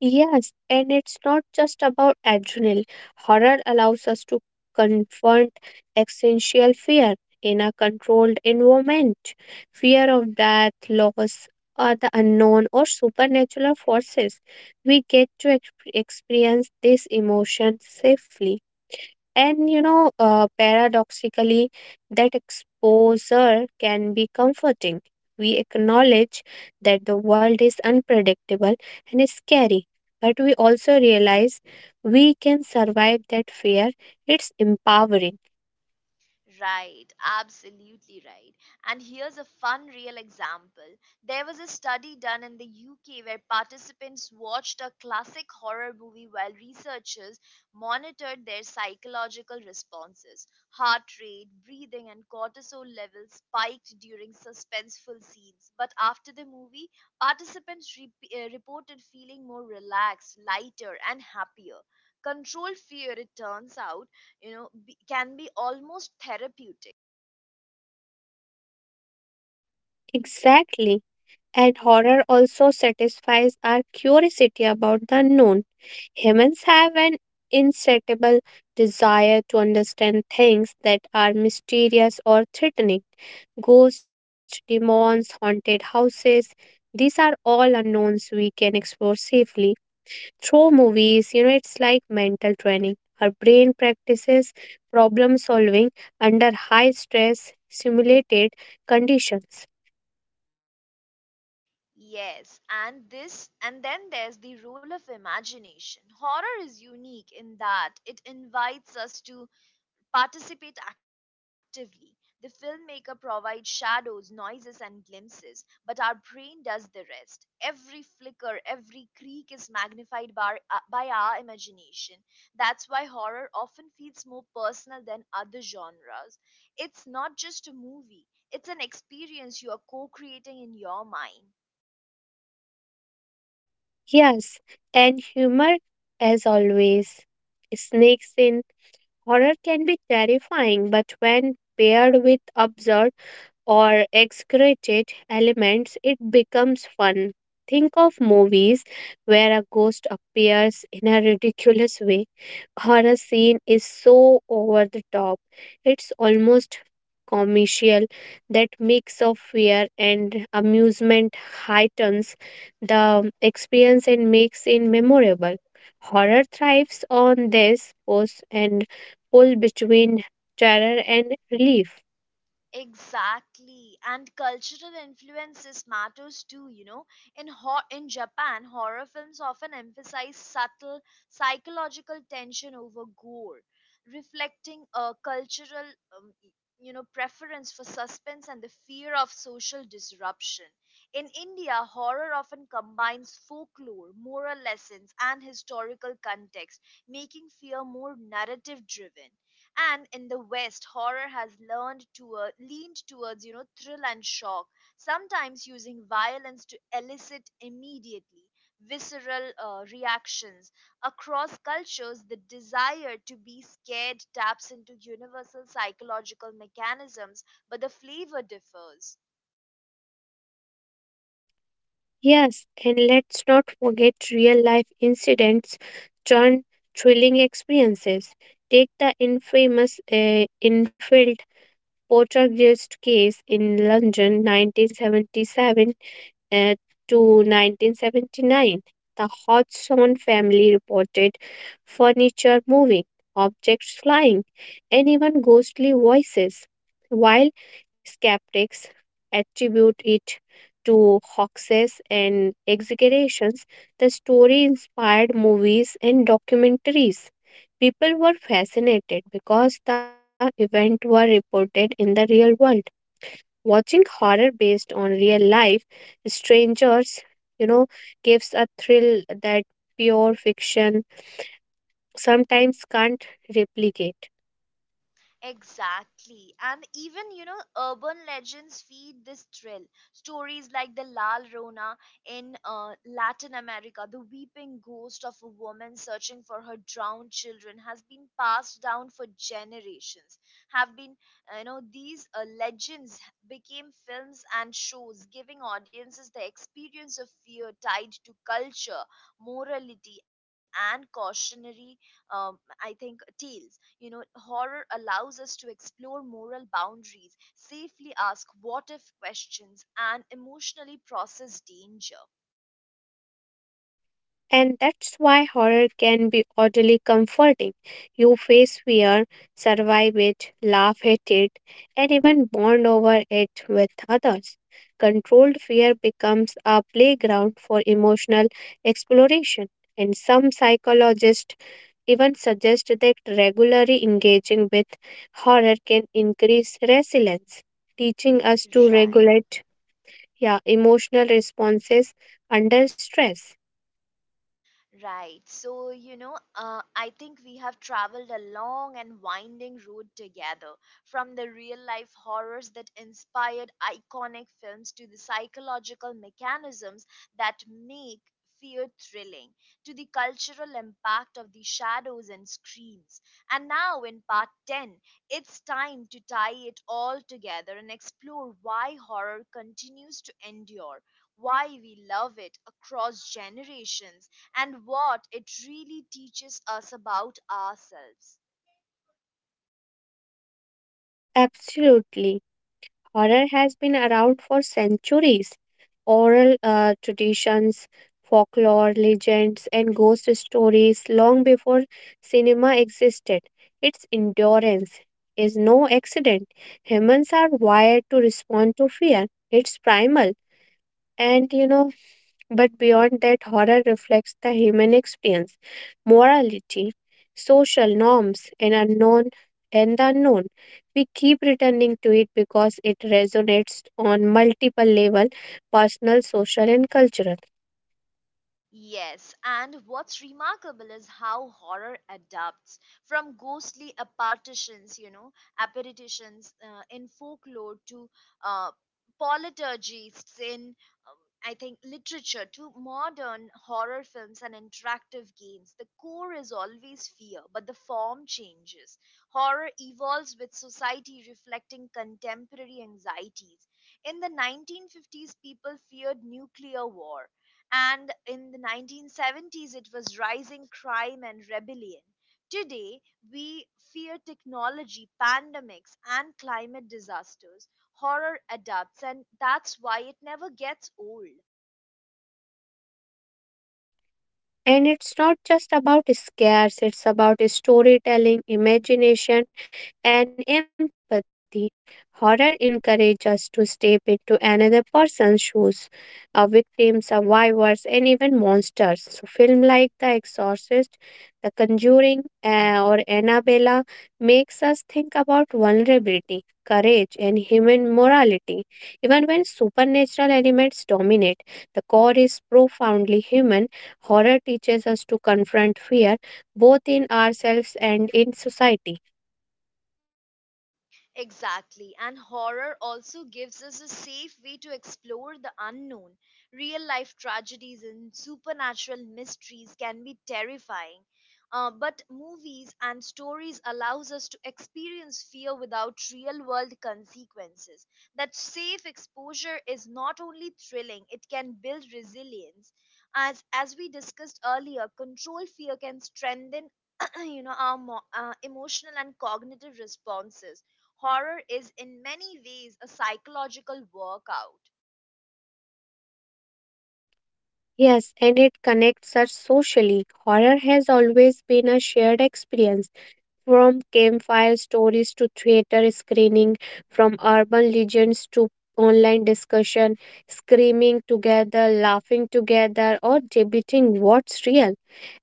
Speaker 2: Yes, and it's not just about adrenaline. Horror allows us to confront existential fear in a controlled environment. Fear of death, loss, or the unknown or supernatural forces. We get to experience these emotions safely. And you know, paradoxically, that exposure can be comforting. We acknowledge that the world is unpredictable and is scary, but we also realize we can survive that fear. It's empowering.
Speaker 1: Right, absolutely right. And here's a fun real example. There was a study done in the UK where participants watched a classic horror movie while researchers monitored their psychological responses. Heart rate, breathing, and cortisol levels spiked during suspenseful scenes. But after the movie, participants reported feeling more relaxed, lighter, and happier. Control fear, it turns out, you know, can be almost therapeutic.
Speaker 2: Exactly. And horror also satisfies our curiosity about the unknown. Humans have an insatiable desire to understand things that are mysterious or threatening. Ghosts, demons, haunted houses, these are all unknowns we can explore safely. Through movies, you know, it's like mental training. Our brain practices problem solving under high stress, simulated conditions.
Speaker 1: Yes, and this and then there's the role of imagination. Horror is unique in that it invites us to participate actively. The filmmaker provides shadows, noises, and glimpses, but our brain does the rest. Every flicker, every creak is magnified by, by our imagination. That's why horror often feels more personal than other genres. It's not just a movie, it's an experience you are co creating in your mind.
Speaker 2: Yes, and humor, as always. Snakes in horror can be terrifying, but when paired with absurd, or excreted elements, it becomes fun. Think of movies where a ghost appears in a ridiculous way or a scene is so over the top. It's almost commercial. That mix of fear and amusement heightens the experience and makes it memorable. Horror thrives on this pose and pull between terror and relief.
Speaker 1: Exactly, and cultural influences matters too. You know, in in Japan, horror films often emphasize subtle psychological tension over gore, reflecting a cultural um, y- you know preference for suspense and the fear of social disruption. In India, horror often combines folklore, moral lessons, and historical context, making fear more narrative driven. And in the west, horror has learned to leaned towards, you know, thrill and shock, sometimes using violence to elicit immediately visceral reactions. Across cultures, the desire to be scared taps into universal psychological mechanisms, but the flavor differs.
Speaker 2: Yes, and let's not forget real life incidents turn thrilling experiences. Take the infamous Enfield poltergeist case in London, 1977 uh, to 1979, the Hodgson family reported furniture moving, objects flying, and even ghostly voices, while skeptics attribute it to hoaxes and exaggerations. The story inspired movies and documentaries. People were fascinated because the event were reported in the real world. Watching horror based on real life strangers, you know, gives a thrill that pure fiction sometimes can't replicate.
Speaker 1: Exactly. And even, you know, urban legends feed this thrill. Stories like the Lal Rona in Latin America, the weeping ghost of a woman searching for her drowned children, has been passed down for generations. Have been, you know, these legends became films and shows, giving audiences the experience of fear tied to culture, morality, and cautionary, um, tales. You know, horror allows us to explore moral boundaries safely, ask what if questions, and emotionally process danger.
Speaker 2: And that's why horror can be oddly comforting. You face fear, survive it, laugh at it, and even bond over it with others. Controlled fear becomes a playground for emotional exploration. And some psychologists even suggest that regularly engaging with horror can increase resilience, teaching us to
Speaker 1: Right, right.
Speaker 2: regulate, yeah, emotional responses under stress.
Speaker 1: Right. So, you know, I think we have traveled a long and winding road together, from the real life horrors that inspired iconic films to the psychological mechanisms that make fear thrilling, to the cultural impact of the shadows and screams. And now, in part 10, it's time to tie it all together and explore why horror continues to endure. Why we love it across generations and what it really teaches us about ourselves.
Speaker 2: Absolutely. Horror has been around for centuries. Oral traditions, folklore, legends, and ghost stories long before cinema existed. Its endurance is no accident. Humans are wired to respond to fear. It's primal. And you know, but beyond that, horror reflects the human experience, morality, social norms, and the unknown. We keep returning to it because it resonates on multiple level, personal, social, and cultural.
Speaker 1: Yes, and what's remarkable is how horror adapts from ghostly apparitions, in folklore, to uh, politurgists in, um, literature, to modern horror films and interactive games. The core is always fear, but the form changes. Horror evolves with society, reflecting contemporary anxieties. In the 1950s, people feared nuclear war, and in the 1970s it was rising crime and rebellion. Today, we fear technology, pandemics, and climate disasters. Horror adapts, and that's why it never gets old.
Speaker 2: And it's not just about scares, it's about storytelling, imagination, and empathy. Horror encourages us to step into another person's shoes, a victim, survivors, and even monsters. So, film like The Exorcist, The Conjuring, or Annabella makes us think about vulnerability, courage, and human morality. Even when supernatural elements dominate, the core is profoundly human. Horror teaches us to confront fear both in ourselves and in society.
Speaker 1: Exactly. And horror also gives us a safe way to explore the unknown. Real life tragedies and supernatural mysteries can be terrifying. But movies and stories allows us to experience fear without real world consequences. That safe exposure is not only thrilling, it can build resilience. As we discussed earlier, control fear can strengthen [CLEARS THROAT] you know, our emotional and cognitive responses. Horror is in many ways a psychological workout.
Speaker 2: Yes, and it connects us socially. Horror has always been a shared experience, from campfire stories to theater screening, from urban legends to online discussion, screaming together, laughing together, or debating what's real.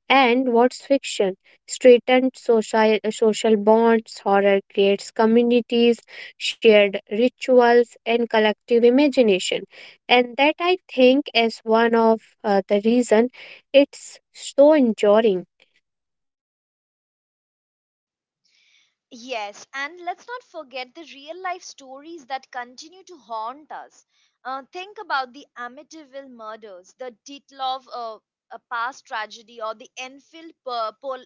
Speaker 2: And what's fiction? Straightened social bonds, horror creates communities, shared rituals, and collective imagination. And that I think is one of the reason it's so enduring.
Speaker 1: Yes, and let's not forget the real life stories that continue to haunt us. Think about the Amityville murders, the Ditlov a past tragedy, or the Enfield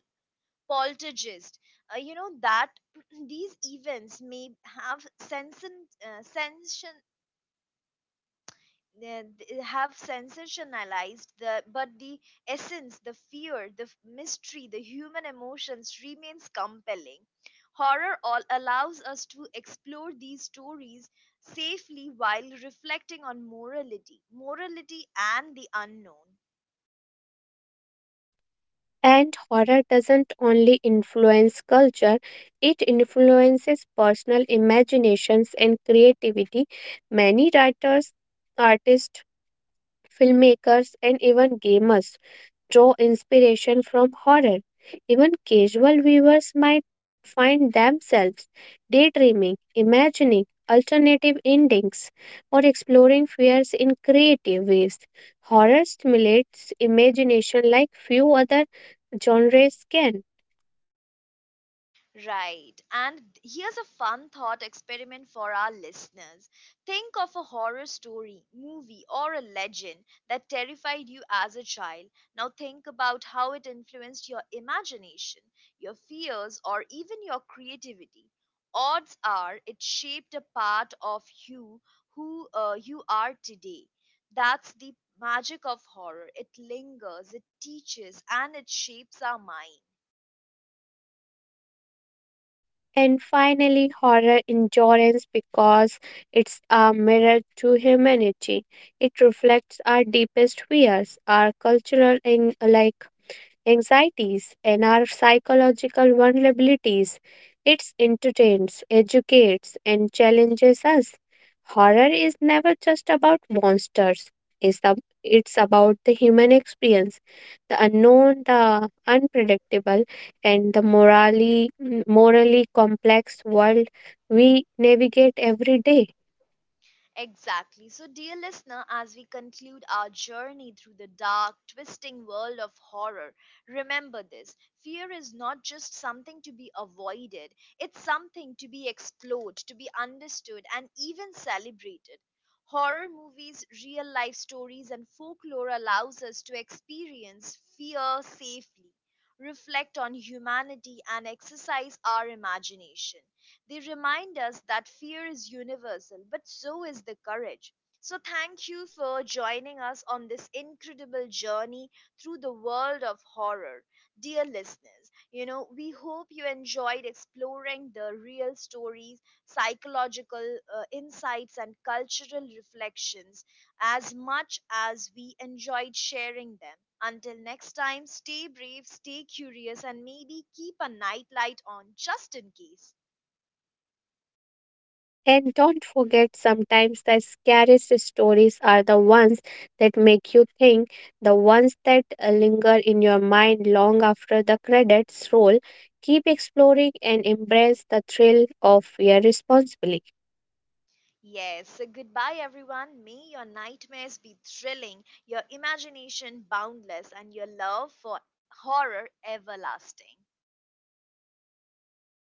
Speaker 1: poltergeist. You know that [CLEARS THROAT] these events may have have sensationalized the but the essence, the fear, the mystery, the human emotions remains compelling. Horror all allows us to explore these stories safely while reflecting on morality and the unknown.
Speaker 2: And horror doesn't only influence culture, it influences personal imaginations and creativity. Many writers, artists, filmmakers, and even gamers draw inspiration from horror. Even casual viewers might find themselves daydreaming, imagining alternative endings, or exploring fears in creative ways. Horror stimulates imagination like few other genres can.
Speaker 1: Right. And here's a fun thought experiment for our listeners. Think of a horror story, movie, or a legend that terrified you as a child. Now think about how it influenced your imagination, your fears, or even your creativity. Odds are it shaped a part of you who you are today. That's the magic of horror. It lingers, it teaches, and it shapes our mind.
Speaker 2: And finally, horror endurance because it's a mirror to humanity. It reflects our deepest fears, our cultural and like anxieties, and our psychological vulnerabilities. It entertains, educates, and challenges us. Horror is never just about monsters. It's about the human experience, the unknown, the unpredictable, and the morally complex world we navigate every day.
Speaker 1: Exactly. So, dear listener, as we conclude our journey through the dark, twisting world of horror, remember this: fear is not just something to be avoided, it's something to be explored, to be understood, and even celebrated. Horror movies, real life stories, and folklore allows us to experience fear safely, reflect on humanity, and exercise our imagination. They remind us that fear is universal, but so is the courage. So, thank you for joining us on this incredible journey through the world of horror. Dear listeners, you know, we hope you enjoyed exploring the real stories, psychological insights, and cultural reflections as much as we enjoyed sharing them. Until next time, stay brave, stay curious, and maybe keep a nightlight on just in case.
Speaker 2: And don't forget, sometimes the scariest stories are the ones that make you think, the ones that linger in your mind long after the credits roll. Keep exploring and embrace the thrill of your responsibility.
Speaker 1: Yes, so goodbye everyone. May your nightmares be thrilling, your imagination boundless, and your love for horror everlasting.